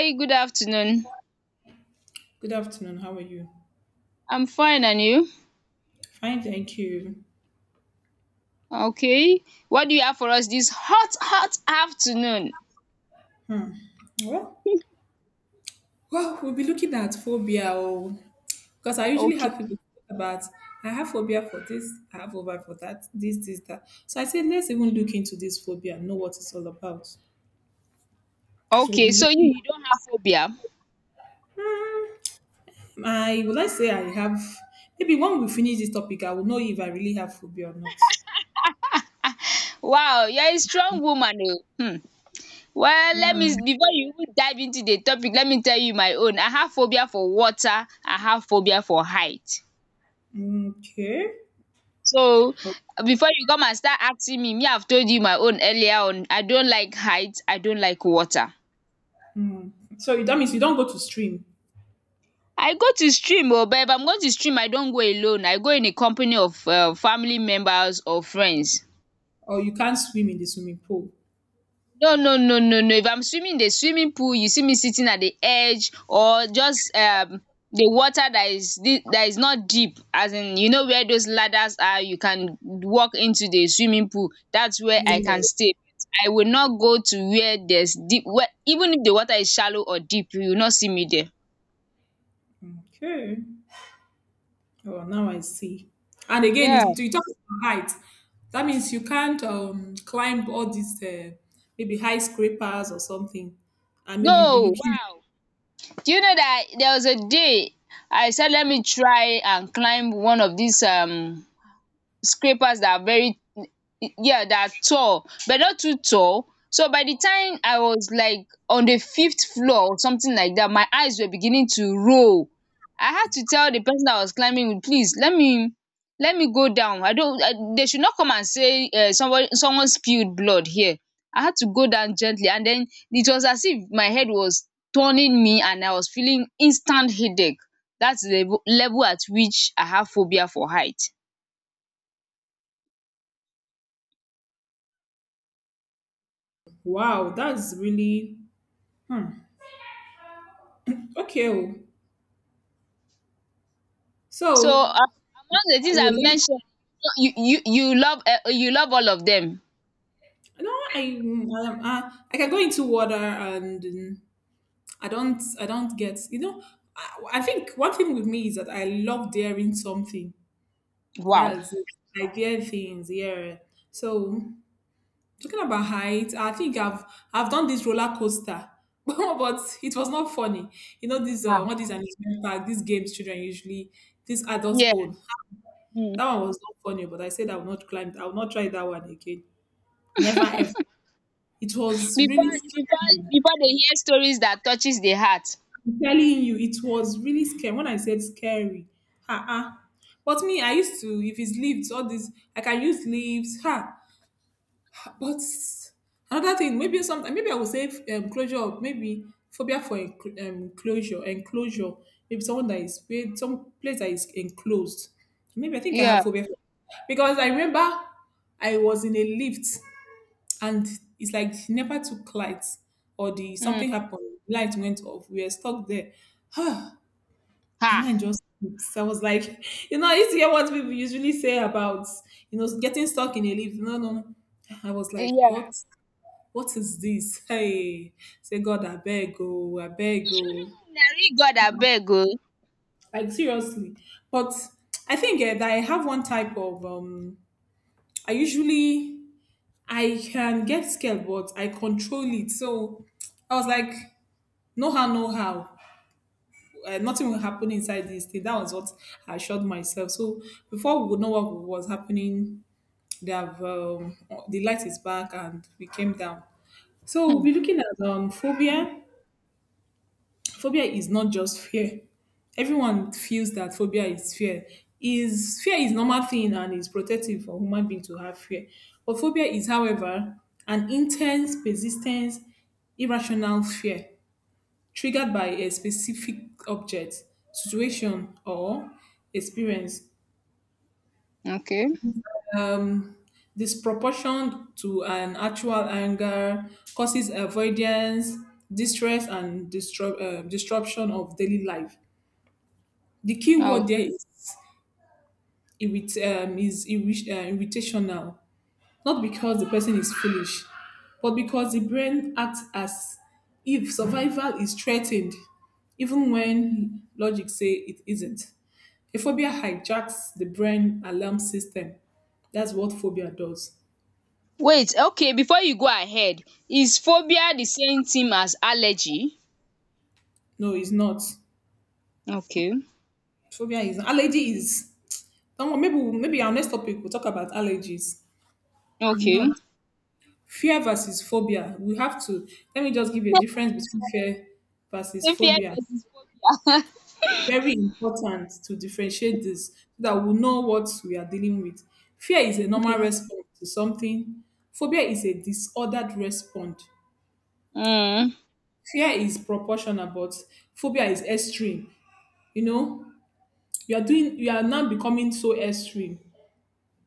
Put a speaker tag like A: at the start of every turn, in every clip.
A: Hey, good afternoon.
B: Good afternoon. How are you?
A: I'm fine, and you?
B: Fine, thank you.
A: Okay. What do you have for us this hot, hot afternoon?
B: Well, well, we'll be looking at phobia, because I usually
A: Okay.
B: have people talk about I have phobia for this, I have phobia for that, this, that. So I said let's even look into this phobia, know what it's all about. So we'll
A: Okay,
B: be
A: so you,
B: looking.
A: you don't have phobia.
B: I would like to say I have maybe when we finish this topic, I will know if I really have phobia or not.
A: Wow, you're a strong woman. Oh. Hmm. Well, let me,
B: Yeah.
A: before you even dive into the topic, let me tell you my own. I have phobia for water, I have phobia for height.
B: Okay.
A: So, before you come and start asking me, I've told you my own earlier on. I don't like height, I don't like water.
B: So that means you don't go to stream
A: I go to stream, oh, but if I'm going to stream, I don't go alone. I go in a company of family members or friends.
B: or you can't swim in the swimming pool.
A: No, no, no, no, no. If I'm swimming in the swimming pool, you see me sitting at the edge, or just the water that is di that is not deep. As in, you know, where those ladders are, you can walk into the swimming pool. That's where I can
B: Yes.
A: stay. I will not go to where there's deep, where even if the water is shallow or deep, you will not see me there.
B: Okay. Oh, now I see. And again,
A: Yeah.
B: you talk about height. That means you can't climb all these maybe high scrapers or something, and maybe you'll be
A: No,
B: looking.
A: wow. Do you know that there was a day I said let me try and climb one of these scrapers that are very, yeah, that are tall, but not too tall. So by the time I was like on the fifth floor or something like that, my eyes were beginning to roll. I had to tell the person I was climbing with, please let me go down. I don't. They should not come and say, someone spilled blood here. I had to go down gently, and then it was as if my head was turning me, and I was feeling instant headache. That's the level at which I have phobia for height.
B: Wow, that's really hmm. Okay. Oh.
A: So,
B: So,
A: among the things I
B: would I-
A: mentioned, you love all of them.
B: no, I I can go into water and mm, I don't get you know. I, I think one thing with me is that I love daring something.
A: Wow.
B: That's it. I dare things. Yeah. So talking about height, I think I've done this roller coaster, but it was not funny. You know this
A: Ah.
B: one this amusement park, these games children usually these adults
A: Yeah.
B: own.
A: Mm.
B: That one was not funny, but I said I will not climb. I will not try that one again. Never ever. It was
A: Before
B: really
A: before
B: scary.
A: before they hear stories that touches the heart.
B: I'm telling you, it was really scary. When I said scary, ha but me, I used to if it's lifts, all this I can use lifts. Ha! But another thing, maybe sometimes, maybe I would say closure, maybe phobia for closure, enclosure. Maybe someone that is weird, some place that is enclosed. Maybe I think I have
A: Yeah.
B: phobia for because I remember I was in a lift and it's like never took light or the
A: Mm.
B: something happened, light went off. We were stuck there. My
A: Ha.
B: mind just so I was like, you know, I used to hear what people usually say about, you know, getting stuck in a lift. No, no, no. I was like,
A: Yeah.
B: what? What is this? Hey, say God, I beg, oh, I beg, oh.
A: Nari God abeg o.
B: Like seriously. But I think that I have one type of, I usually, I can get scared, but I control it. So I was like, no how, no how. Nothing will happen inside this thing. That was what I assured myself. So before we would know what was happening, they have the light is back and we came down. So we'll
A: Hmm.
B: be looking at um, phobia. Is not just fear. Everyone feels that phobia is fear. Is fear is normal thing and is protective for human being to have fear. But phobia is, however, an intense, persistent, irrational fear triggered by a specific object, situation, or experience.
A: Okay.
B: Um, disproportion to an actual anger causes avoidance, distress, and disruption of daily life. The key
A: Oh.
B: word there is irritational, not because the person is foolish, but because the brain acts as if survival is threatened, even when logic say it isn't. A phobia hijacks the brain alarm system. That's what phobia does.
A: Wait. Okay. Before you go ahead, is phobia the same thing as allergy?
B: No, it's not.
A: Okay.
B: Phobia is allergy is. Someone maybe our next topic we'll talk about allergies. It's
A: Okay.
B: not. Fear versus phobia. We have to, let me just give you a difference between fear versus
A: So fear
B: phobia.
A: versus phobia.
B: Very important to differentiate this so that we know what we are dealing with. Fear is a normal response to something, phobia is a disordered response.
A: Mm.
B: Fear is proportional, but phobia is extreme. You know, you are doing, you are now becoming so extreme.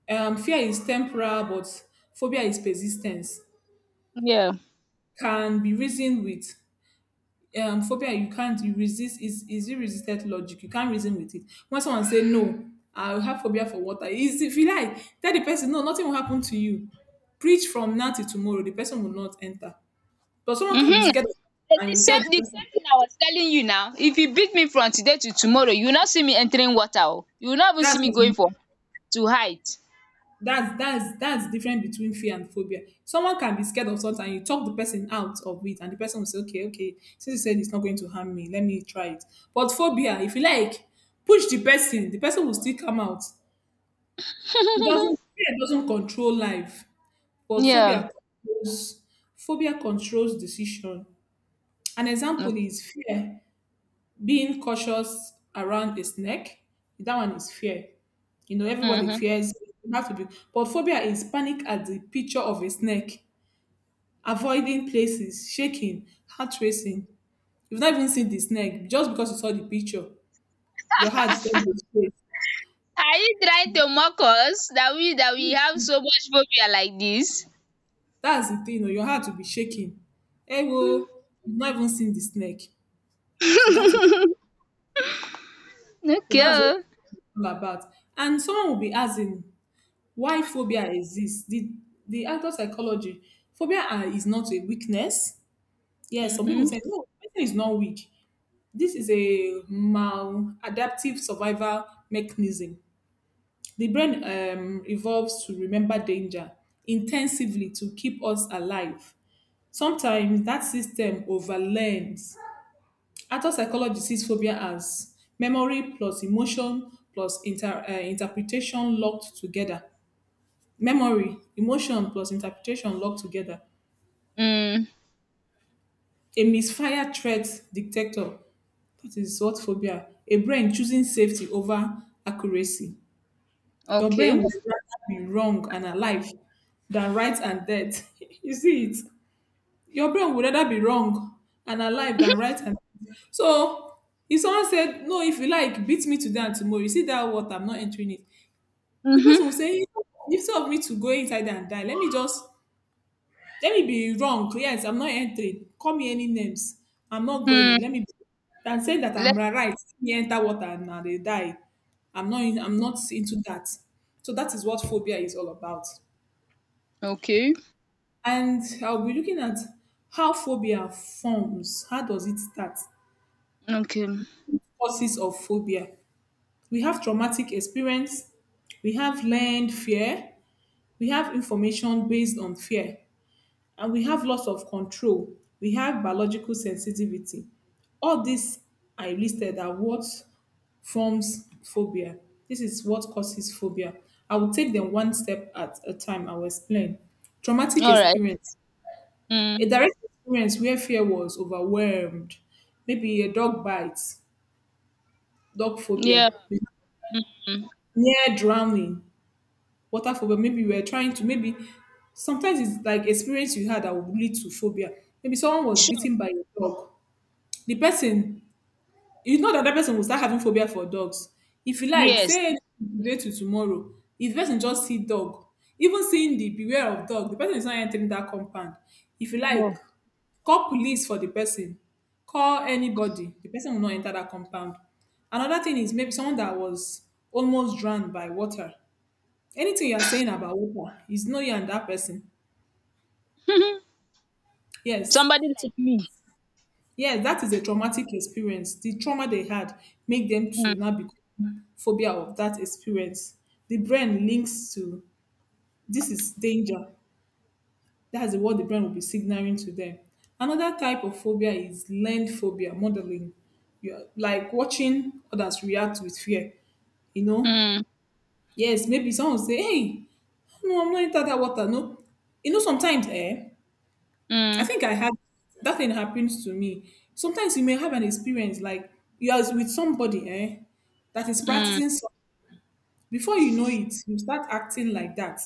B: Fear is temporal, but phobia is persistence.
A: Yeah.
B: Can be reasoned with phobia you can't you resist is you resisted logic you can't reason with it when someone say no I have phobia for water is if you like tell the person no nothing will happen to you preach from now till tomorrow the person will not enter but someone can be
A: Mhm.
B: scared of
A: The the
B: and you tell
A: same
B: the
A: the
B: person
A: same thing I was telling you now. If you beat me from today to tomorrow, you will not see me entering water. Oh. You will not even see
B: that's
A: me going for to hide.
B: that's that's different between fear and phobia someone can be scared of something and you talk the person out of it and the person will say okay okay since you said it's not going to harm me let me try it but phobia if you like push the person will still come out. It doesn't fear doesn't control life, but
A: Yeah.
B: phobia controls decision. An example is fear, being cautious around a snake. That one is fear. You know, everybody
A: Mm-hmm.
B: fears you have to be but phobia is panic at the picture of a snake, avoiding places, shaking, heart racing. You've not even seen the snake, just because you saw the picture, your heart don't go straight.
A: Are you trying to mock us that we have so much phobia like this?
B: That's the thing, you know, your heart will be shaking. Hey,
A: Mm,
B: whoa, you've not even seen the snake. So that's it. So that's what
A: okay.
B: it's all about. And someone will be asking why phobia exists. The adult psychology, is not a weakness. Yes, some people
A: Mm-hmm.
B: say no, person is not weak. This is a maladaptive survival mechanism. The brain evolves to remember danger intensively to keep us alive. Sometimes that system overlearns adult psychology sees phobia as memory plus emotion plus interpretation locked together. Memory, emotion plus interpretation locked together.
A: Mm.
B: A misfire threat detector. That is what phobia. A brain choosing safety over accuracy. Your brain
A: Okay.
B: would rather be wrong and alive than right and dead. You see it? Your brain would rather be wrong and alive than right and so if someone said no if you like beat me today and tomorrow you see that water I'm not entering it the person will
A: Mm-hmm.
B: say instead of me to go inside and die let me just let me be wrong yes I'm not entering call me any names I'm not going
A: Mm.
B: let me be than saying that
A: Let
B: right me enter water and I dey die I'm not into that so that is what phobia is all about
A: Okay.
B: and I'll be looking at how phobia forms how does it start
A: Okay.
B: causes of phobia. We have traumatic experience, we have learned fear, we have information based on fear, and we have loss of control. We have biological sensitivity. All these I listed are what forms phobia. This is what causes phobia. I will take them one step at a time. I will explain. Traumatic
A: All right.
B: experience. A
A: Mm.
B: direct experience where fear was overwhelmed. Maybe a dog bite, dog phobia,
A: Yeah. Mm.
B: near drowning, water phobia. Maybe you were trying to, maybe sometimes it's like experience you had that would lead to phobia. Maybe someone was
A: Sure.
B: bitten by a dog. The person, you know that person will start having phobia for dogs. If you like,
A: Yes.
B: say today to tomorrow, if the person just see dog, even seeing the beware of dog, the person is not entering that compound. If you
A: No.
B: like, call police for the person, call anybody, the person will not enter that compound. Another thing is maybe someone that was almost drowned by water anything you are saying about water is no you and that person. Yes.
A: Somebody
B: So
A: like me.
B: yes, that is a traumatic experience. The trauma they had make them
A: Mm.
B: to now become phobia of that experience. The brain links to this is danger. That's what the brain will be signaling to them. Another type of phobia is learned phobia, modeling. You're like watching others react with fear. You know?
A: Mm.
B: Yes, maybe someone will say, hey, no, I'm not into that water. No. You know, sometimes, I
A: Mm.
B: think I had that thing happens to me. Sometimes you may have an experience like you are with somebody, that is
A: Mm.
B: practicing something. Before you know it, you start acting like that.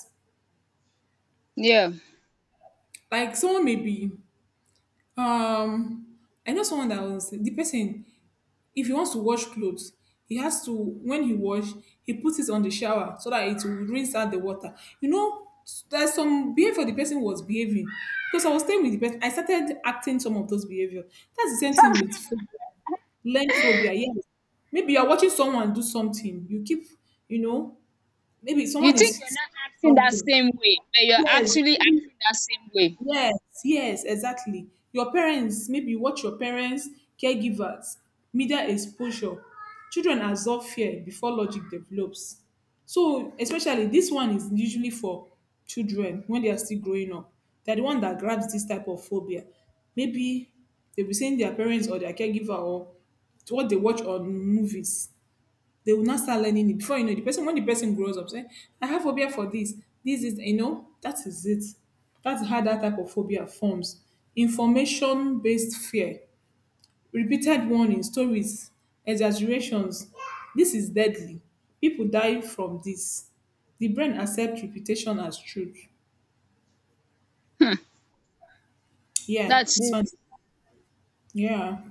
A: Yeah.
B: Like someone may be, um, I know someone that was the person. If he wants to wash clothes, he has to when he wash, he puts it on the shower so that it will rinse out the water. You know, there's some behavior the person was behaving because I was staying with the person. I started acting some of those behavior. That's the same thing with food. Learn phobia, yes. Maybe you're watching someone do something. You keep, you know, maybe
A: You
B: someone
A: think you're
B: is
A: not acting that
B: something.
A: same way, but you're
B: Yes.
A: actually acting that same way.
B: Yes, yes, exactly. Your parents, maybe you watch your parents, caregivers, media exposure. Children absorb fear before logic develops. So, especially this one is usually for children when they are still growing up. They're the one that grabs this type of phobia. Maybe they'll be seeing their parents or their caregiver or what they watch on movies they will not start learning it. Before you know, the person when the person grows up, say, I have phobia for this. This is you know, that is it. That's how that type of phobia forms. Information based fear, repeated warning, stories, exaggerations. This is deadly. People die from this. The brain accepts repetition as truth.
A: Hmm.
B: Yeah,
A: That's
B: this
A: it.
B: one. Yeah.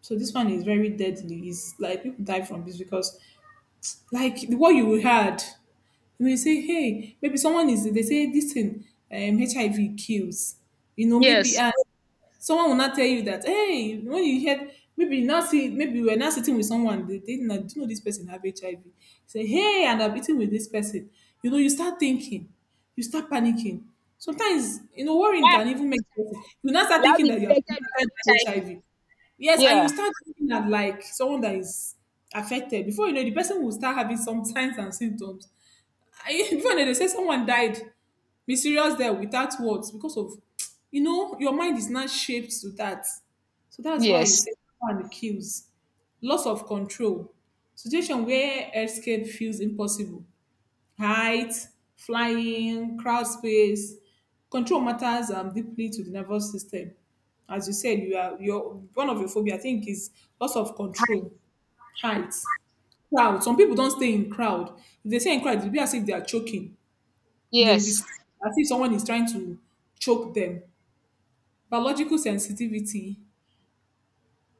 B: So this one is very deadly. It's like people die from this because, like, what you had. You may say, hey, maybe someone is, they say this thing, HIV kills. Maybe
A: Yes.
B: and someone will not tell you that, hey, when you hear, maybe you now see, maybe we're now sitting with someone, they did not, do you know this person have HIV? Say, hey, and I'm eating with this person. You start thinking, you start panicking. Sometimes,
A: Will
B: worrying
A: I have
B: can even make
A: HIV?
B: you now start
A: Will I
B: thinking
A: be
B: that you have
A: infected with HIV?
B: HIV. Yes, and you
A: Yeah.
B: start looking at like someone that is affected. Before you know it, the person will start having some signs and symptoms. I, even they say someone died mysterious there without words because of your mind is not shaped to that, so that's why he
A: Yes.
B: said one kills. Loss of control, situation where escape feels impossible, height, flying, crowd space. Control matters deeply to the nervous system. As you said, you are, your one of your phobia I think is loss of control, height, crowd. Some people don't stay in crowd. If they stay in crowd, it will be as if they are choking. They will be
A: Yes.
B: scared, as if someone is trying to choke them. Biological sensitivity.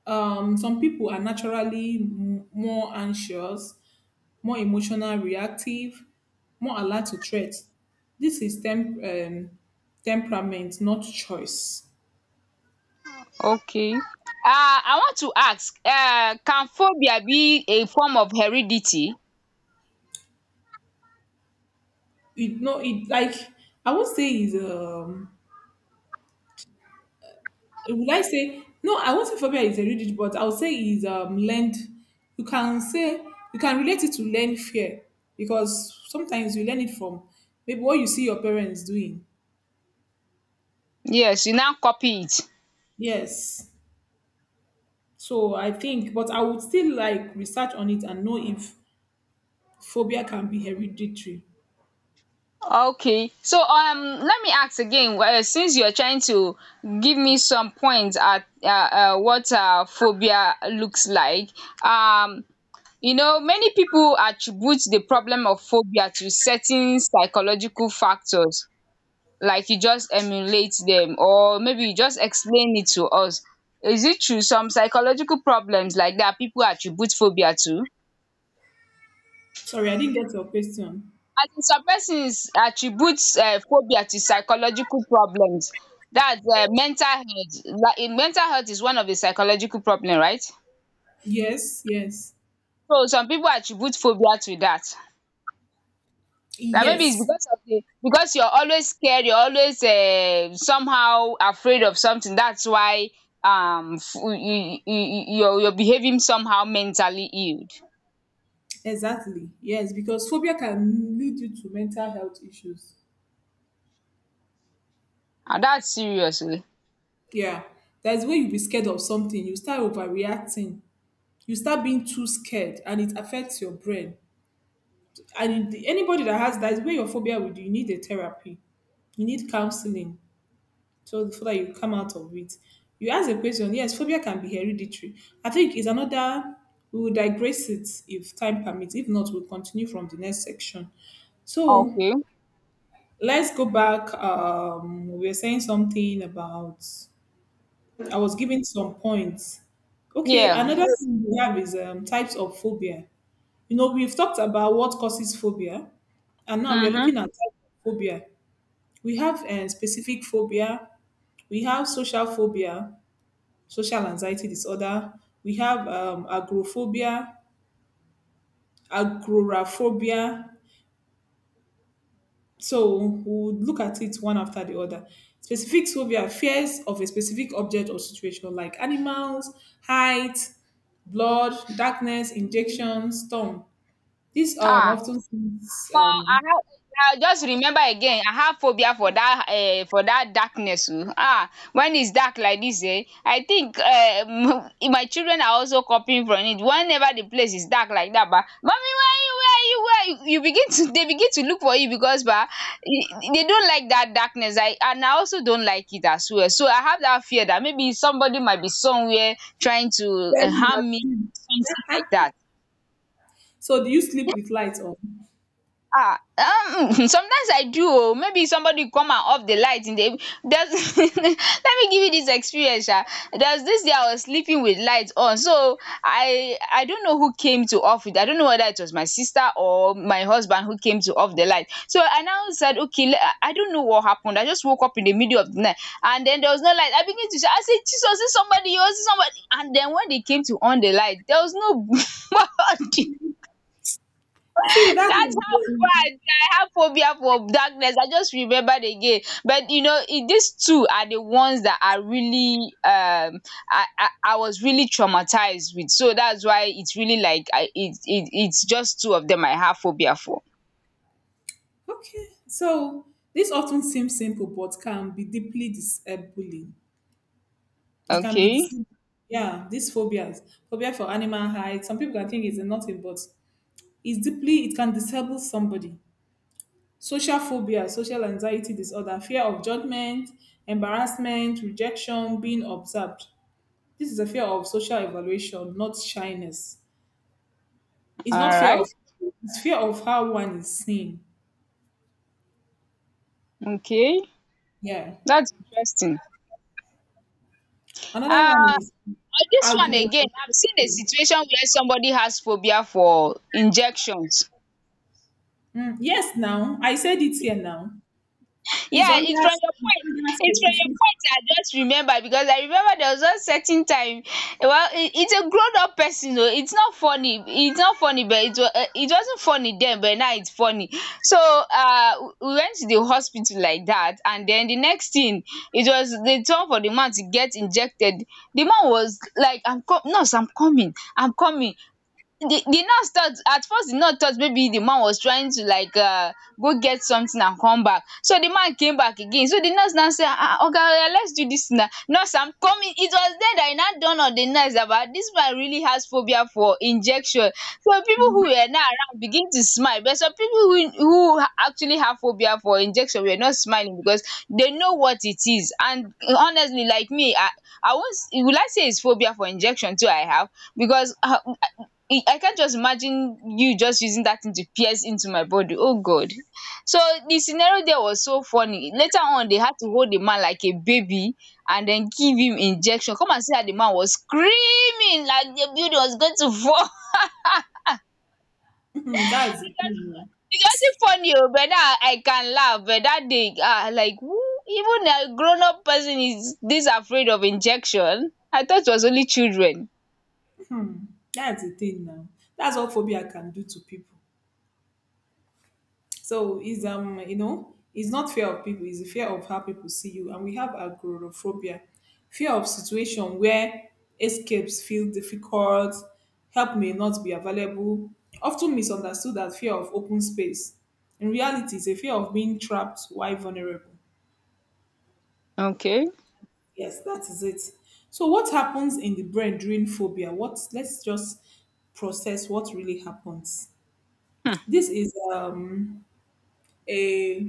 B: Some people are naturally more anxious, more emotional, reactive, more alert to threats. This is temperament, not choice.
A: Okay. I want to ask, can phobia be a form of heredity?
B: It, no, it like, I would say is, would I say no? I won't say phobia is a rigid, but I'll say is learned. You can say you can relate it to learned fear because sometimes you learn it from maybe what you see your parents doing.
A: Yes, you now copy it.
B: Yes. So I think, but I would still like research on it and know if phobia can be hereditary.
A: Okay. So, let me ask again, since you're trying to give me some points at what phobia looks like. Um you know, many people attribute the problem of phobia to certain psychological factors, like you just emulate them, or maybe you just explain it to us. Is it true some psychological problems like that, people attribute phobia to?
B: Sorry, I didn't get your question.
A: As in, some persons attribute phobia to psychological problems. That's mental health, like in mental health is one of the psychological problem, right?
B: Yes, yes,
A: So some people attribute phobia to that. That maybe it's
B: yes,
A: because of the because you're always scared, you're always somehow afraid of something. That's why, you're behaving somehow mentally ill.
B: exactly. Yes, because phobia can lead you to mental health issues.
A: Ah, that's serious. Eh.
B: Yeah. That's when you be scared of something, you start overreacting. You start being too scared and it affects your brain. And anybody that has that is where your phobia would, you need a therapy. You need counseling, so that you come out of it. You ask a question, yes, phobia can be hereditary. I think it's another, we will digress it if time permits. If not, we'll continue from the next section. So
A: Okay.
B: let's go back. We were saying something about, I was given some points. Okay, another
A: Yeah.
B: thing we have is types of phobia. You know, we've talked about what causes phobia, and now we are
A: Mm-hmm.
B: looking at types of phobia. We have specific phobia, we have social phobia, social anxiety disorder, we have agoraphobia, agoraphobia, So we'll look at it one after the other. Specific phobia, fears of a specific object or situation like animals, height, blood, darkness, injection, storm. This um,
A: Ah.
B: often seems
A: Omo,
B: um,
A: I just remember again, I have phobia for that, for that darkness, oh. Ah, when it's dark like this, eh, I think, my children are also copying from it. Whenever the place is dark like that, ba, mommy, where you? Where you? Where you?" You begin to they begin to look for you, because ba, they don't like that darkness. I, and I also don't like it as well. So I have that fear that maybe somebody might be somewhere trying to,
B: staring
A: harm
B: at
A: me,
B: you.
A: something like that.
B: So do you sleep with lights on?
A: Ah, sometimes I do. Oh. Maybe somebody come and off the light in the. There's, let me give you this experience. Sha. There's this day I was sleeping with lights on, so I don't know who came to off it. I don't know whether it was my sister or my husband who came to off the light. So I now said, okay, I don't know what happened. I just woke up in the middle of the night, and then there was no light. I begin to shout. I said, Jesus, is somebody? Is somebody? And then when they came to on the light, there was no.
B: See, that's
A: That's how bad I have phobia for darkness. I just remembered again. But you know, these two are the ones that are really um I was really traumatized with. So that's why it's really like, I it's just two of them I have phobia for.
B: okay. So this often seems simple, but can be deeply disabling. It can be
A: Okay.
B: deceiving. Yeah, these phobias, phobia for animal height. Some people can think it's nothing, but is deeply, it can disable somebody. Social phobia, social anxiety disorder, fear of judgment, embarrassment, rejection, being observed. This is a fear of social evaluation, not shyness. It's not
A: All
B: fear
A: right.
B: of, it's fear of how one is seen.
A: Okay.
B: Yeah,
A: That's interesting.
B: another one
A: Uh
B: is
A: on this one again,
B: agoraphobia.
A: I've seen a situation where somebody has phobia for injections.
B: Mm, yes, now I said it here. Now it's
A: Yeah, it's
B: under,
A: from your
B: it's
A: point.
B: under
A: It's from your
B: specific.
A: point I just remember, because I remember there was one certain time. Well, it's a grown up person though. It's not funny, it's not funny, but it was, it wasn't funny then, but now it's funny. So, we went to the hospital like that, and then the next thing, it was the turn for the man to get injected. The man was like, I'm com nurse, I'm coming, I'm coming. The nurse thought at first, the nurse thought maybe the man was trying to, like, go get something and come back. So the man came back again. So the nurse now say, ah ah, oga, oya, let's do this thing now. Nurse, am coming. It was then that it now dawn on the nurse about, this man really has phobia for injection. So people who were now around begin to smile, but some people who actually have phobia for injection were not smiling, because they know what it is. And honestly, like me, I won't will I say it's phobia for injection too. I have, because I can't just imagine you just using that thing to pierce into my body. Oh God. So the scenario there was so funny. Later on, they had to hold the man like a baby and then give him injection. Come and see how the man was screaming like the building was going to fall.
B: That's the thing. Oh.
A: It wasn't funny, oh, but now I can laugh. But that day, ah, like who, even a grown-up person is this afraid of injection. I thought it was only children.
B: That's the thing now. That's what phobia can do to people. So it's you know it's not fear of people, it's the fear of how people see you. And we have agoraphobia, fear of situation where escapes feel difficult, help may not be available, often misunderstood as fear of open space. In reality, it's a fear of being trapped while vulnerable.
A: Okay.
B: Yes, that is it. So what happens in the brain during phobia? What, let's just process what really happens.
A: Hmm.
B: This is a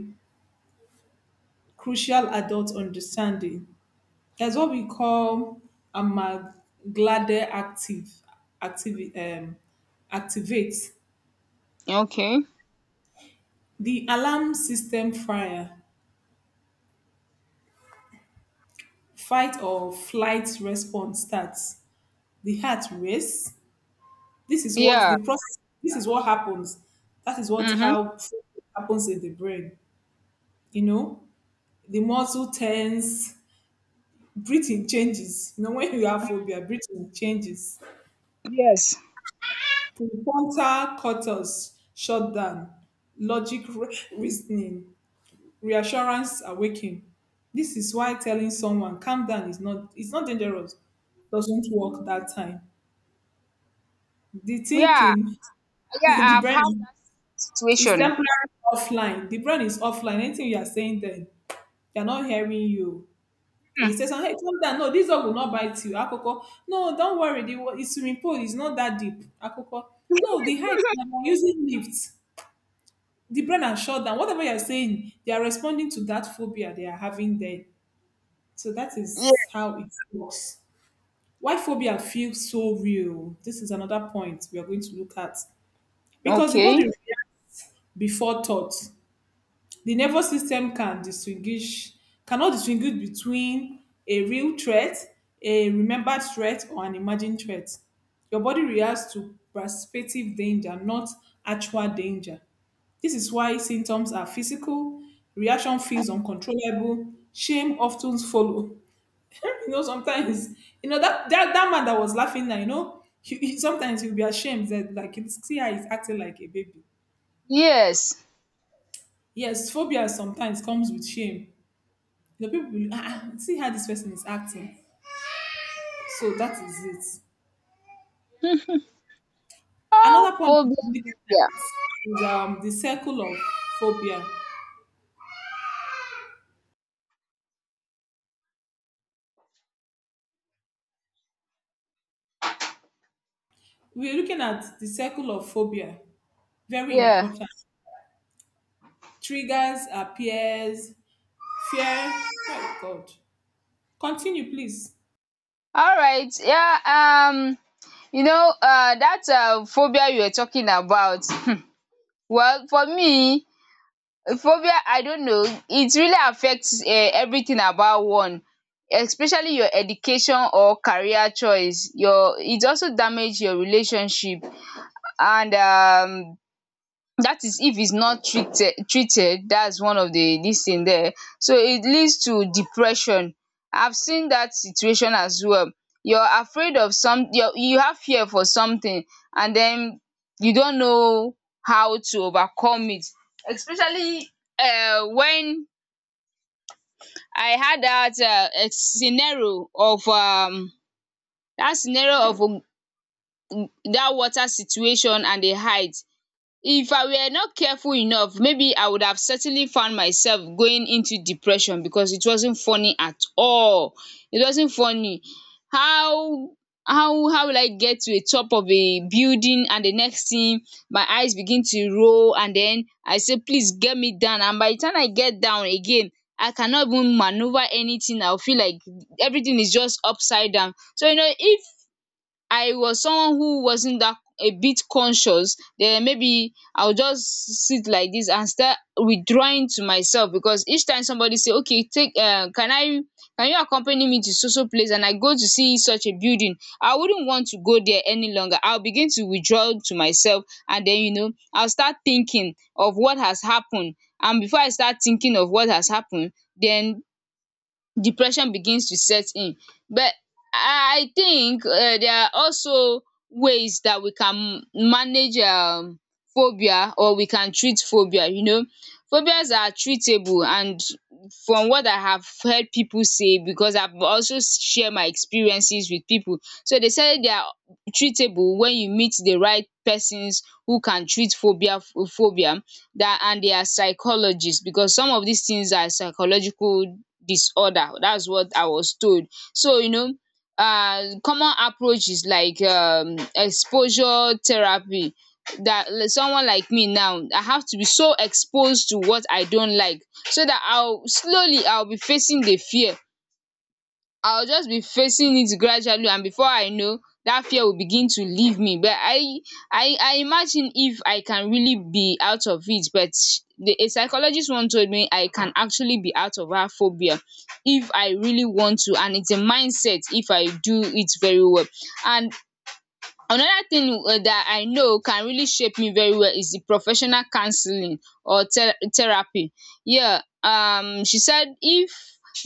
B: crucial adult understanding. There's what we call Amaglade Active, active um, activate.
A: Okay.
B: The alarm system fire, fight or flight response starts. The heart race. This is what the
A: Yeah.
B: process. This is what happens. That is what
A: Mm-hmm.
B: how happens in the brain. You know, the muscle tense. Breathing changes. You know, when you have phobia, breathing changes.
A: Yes.
B: Prefrontal cortex shut down, logic reasoning, reassurance awaken. This is why telling someone calm down is not, it's not dangerous. Doesn't work that time. The
A: Yeah.
B: thinking,
A: Yeah,
B: the
A: I've had
B: brain
A: that
B: is
A: situation.
B: temporarily offline. The brain is offline. Anything you are saying then, they are not hearing you. It says, hey, calm down. No, this dog will not bite you. Akoko. No, don't worry. The, it's swimming pool. It's not that deep. Akoko. No, the height. I'm using lifts. The brain has shut down. Whatever you're saying, they are responding to that phobia they are having then. So that
A: Yeah.
B: is how it works. Why phobia feels so real? This is another point we are going to look at. Because the
A: Okay.
B: body reacts before thought. The nervous system can distinguish, cannot distinguish between a real threat, a remembered threat, or an imagined threat. Your body reacts to prospective danger, not actual danger. This is why symptoms are physical, reaction feels uncontrollable, shame often follow. Sometimes, that, that man that was laughing now, he, sometimes he'll be ashamed that, like, you see how he's acting like a baby.
A: Yes.
B: Yes, phobia sometimes comes with shame. The people will ah, ah, see how this person is acting. So that is it.
A: Oh,
B: Another point we
A: phobia,
B: look
A: phobia.
B: at is the circle of phobia. We're looking at the circle of phobia. Very
A: Yeah.
B: important. Triggers, appears, fear. Oh God. Continue, please.
A: All right. Yeah. You know, that phobia you were talking about. Well, for me, phobia, I don't know. It really affects, everything about one, especially your education or career choice. Your It also damage your relationship, and that is if it's not treated. That's one of the this thing there. So it leads to depression. I've seen that situation as well. You're afraid of some you have fear for something, and then you don't know how to overcome it. Especially when I had that scenario of that scenario of that water situation and the height. If I were not careful enough, maybe I would have certainly found myself going into depression, because it wasn't funny at all. It wasn't funny. How how will I get to a top of a building, and the next thing, my eyes begin to roll, and then I say please get me down. And by the time I get down again, I cannot even maneuver anything. I will feel like everything is just upside down. So you know, if I was someone who wasn't that a bit conscious, then maybe I'll just sit like this and start withdrawing to myself. Because each time somebody say, okay, take, can you accompany me to so so place, and I go to see such a building, I wouldn't want to go there any longer. I'll begin to withdraw to myself, and then you know, I'll start thinking of what has happened. And before I start thinking of what has happened, then depression begins to set in. But I think there are also ways that we can manage phobia, or we can treat phobia. Phobias are treatable, and from what I have heard people say, because I've also share my experiences with people. So they say they are treatable when you meet the right persons who can treat phobia. That and they are psychologists, because some of these things are psychological disorder. That's what I was told. So, common approach is like exposure therapy. That like someone like me now, I have to be so exposed to what I don't like, so that I'll slowly I'll be facing the fear. I'll just be facing it gradually, and before I know, that fear will begin to leave me. But I imagine if I can really be out of it. But a psychologist once told me I can actually be out of that phobia if I really want to, and it's a mindset if I do it very well. And another thing dat I know can really shape me very well is the professional counseling or the therapy. Here she said if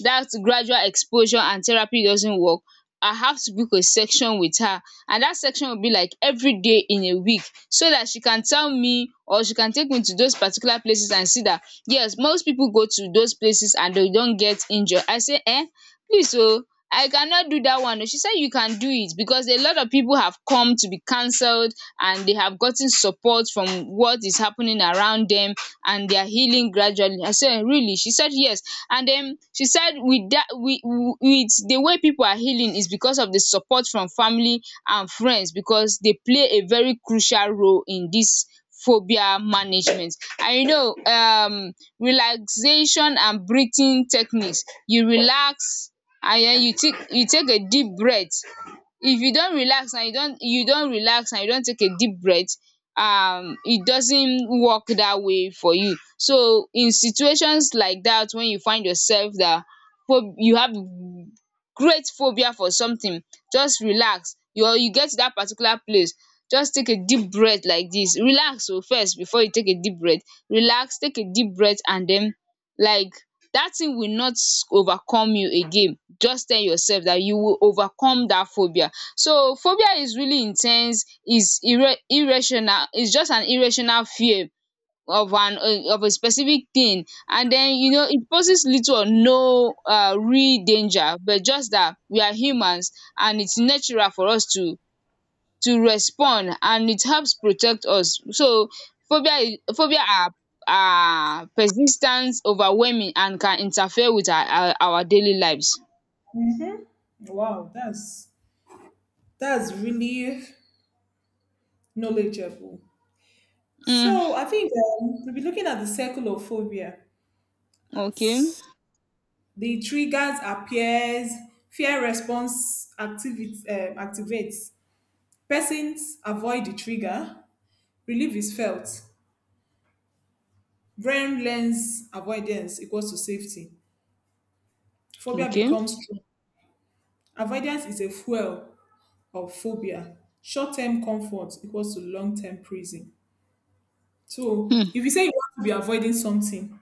A: dat gradual exposure and therapy doesn't work, I have to book a section with her, and dat section will be like everyday in a week, so dat she can tell me, or she can take me to those particular places and see dat, yes, most people go to those places and they don't get injured. I say, please, oh, I cannot do that one. Oh. She said you can do it, because a lot of people have come to be cancelled and they have gotten support from what is happening around them, and they are healing gradually. I said, really? She said, yes. And she said with dat, with the way pipu are healing is because of the support from family and friends, because they play a very crucial role in dis phobia management. And relaxation and breathing techniques. You relax, and den you take a deep breath. If you don relax, and you don relax, and you don take a deep breath, it doesn't work that way for you. So in situations like that, when you find yourself that pho you have great phobia for something, just relax you get to that particular place, just take a deep breath like this. Relax o first before you take a deep breath. Relax, take a deep breath, and then, like, dat thing will not overcome you again. Just tell yourself dat you will overcome dat phobia. So phobia is really in ten se, is irrational, is just an irrational fear of an of a specific thing. And den it poses little or no real danger, but just dat we are humans, and its natural for us to respond, and it helps protect us. So phobia are persis ten t, overwhelming, and can interfere with our daily lives.
B: Wow, that's really knowledgeable.
A: um
B: So I think we'll be looking at the circle of phobia.
A: okay.
B: The triggers appears, fear response activates. Persons avoid the trigger, relief is felt, brain learns avoidance equals to safety, phobia
A: Okay.
B: becomes strong. Avoidance is a fuel of phobia, short-term comfort equals to long-term prison. So
A: um
B: if you say you want to be avoiding something,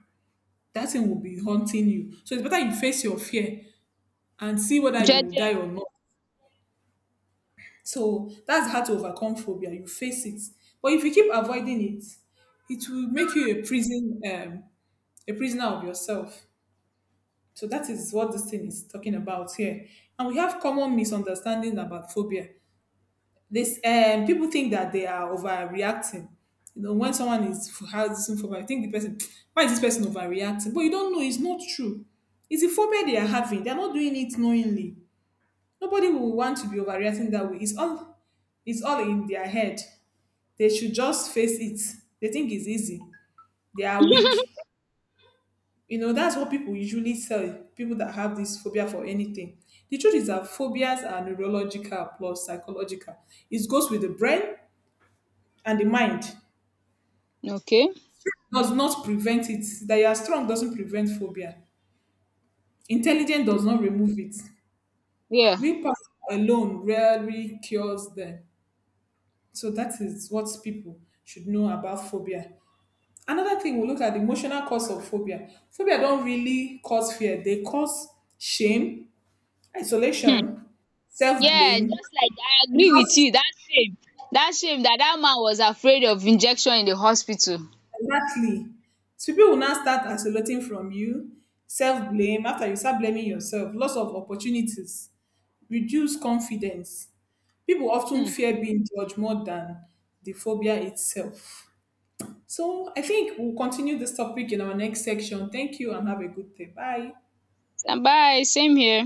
B: that thing will be haunting you. So it's better you face your fear and see whether you will
A: Jeje.
B: die or not. So that's how to overcome phobia. You face it. But if you keep avoiding it, it will make you a prison, a prisoner of yourself. So that is what this thing is talking about here. And we have common misunderstanding about phobia. This people think that they are overreacting. You know, when someone is has this phobia, I think the person, why is this person overreacting? But you don't know, it's not true. It's a phobia they are having. They're not doing it knowingly. Nobody will want to be overreacting that way. It's all, it's all in their head. They should just face it. They think it's easy. They are weak. You know, that's what people usually tell people that have this phobia for anything. The truth is that phobias are neurological plus psychological. It goes with the brain and the mind.
A: Okay.
B: Does not prevent it. That you are strong doesn't prevent phobia. Intelligence does not remove it.
A: Yeah.
B: Willpower alone rarely cures them. So that is what people should know about phobia. Another thing we look at the emotional cause of phobia. Phobia don't really cause fear. They cause shame,
A: um
B: isolation,
A: yeah,
B: self-blame,
A: just like I
B: and
A: agree with
B: now-
A: you dat shame, dat man was afraid of injection in the hospital.
B: exactly. So people will now start isolating from you, self-blame. After you start blaming yourself, loss of opportunities, reduce confidence. People often
A: um
B: fear being judged more than the phobia itself. So I think we'll continue this topic in our next section. Thank you and have a good day. Bye.
A: Bye, same here.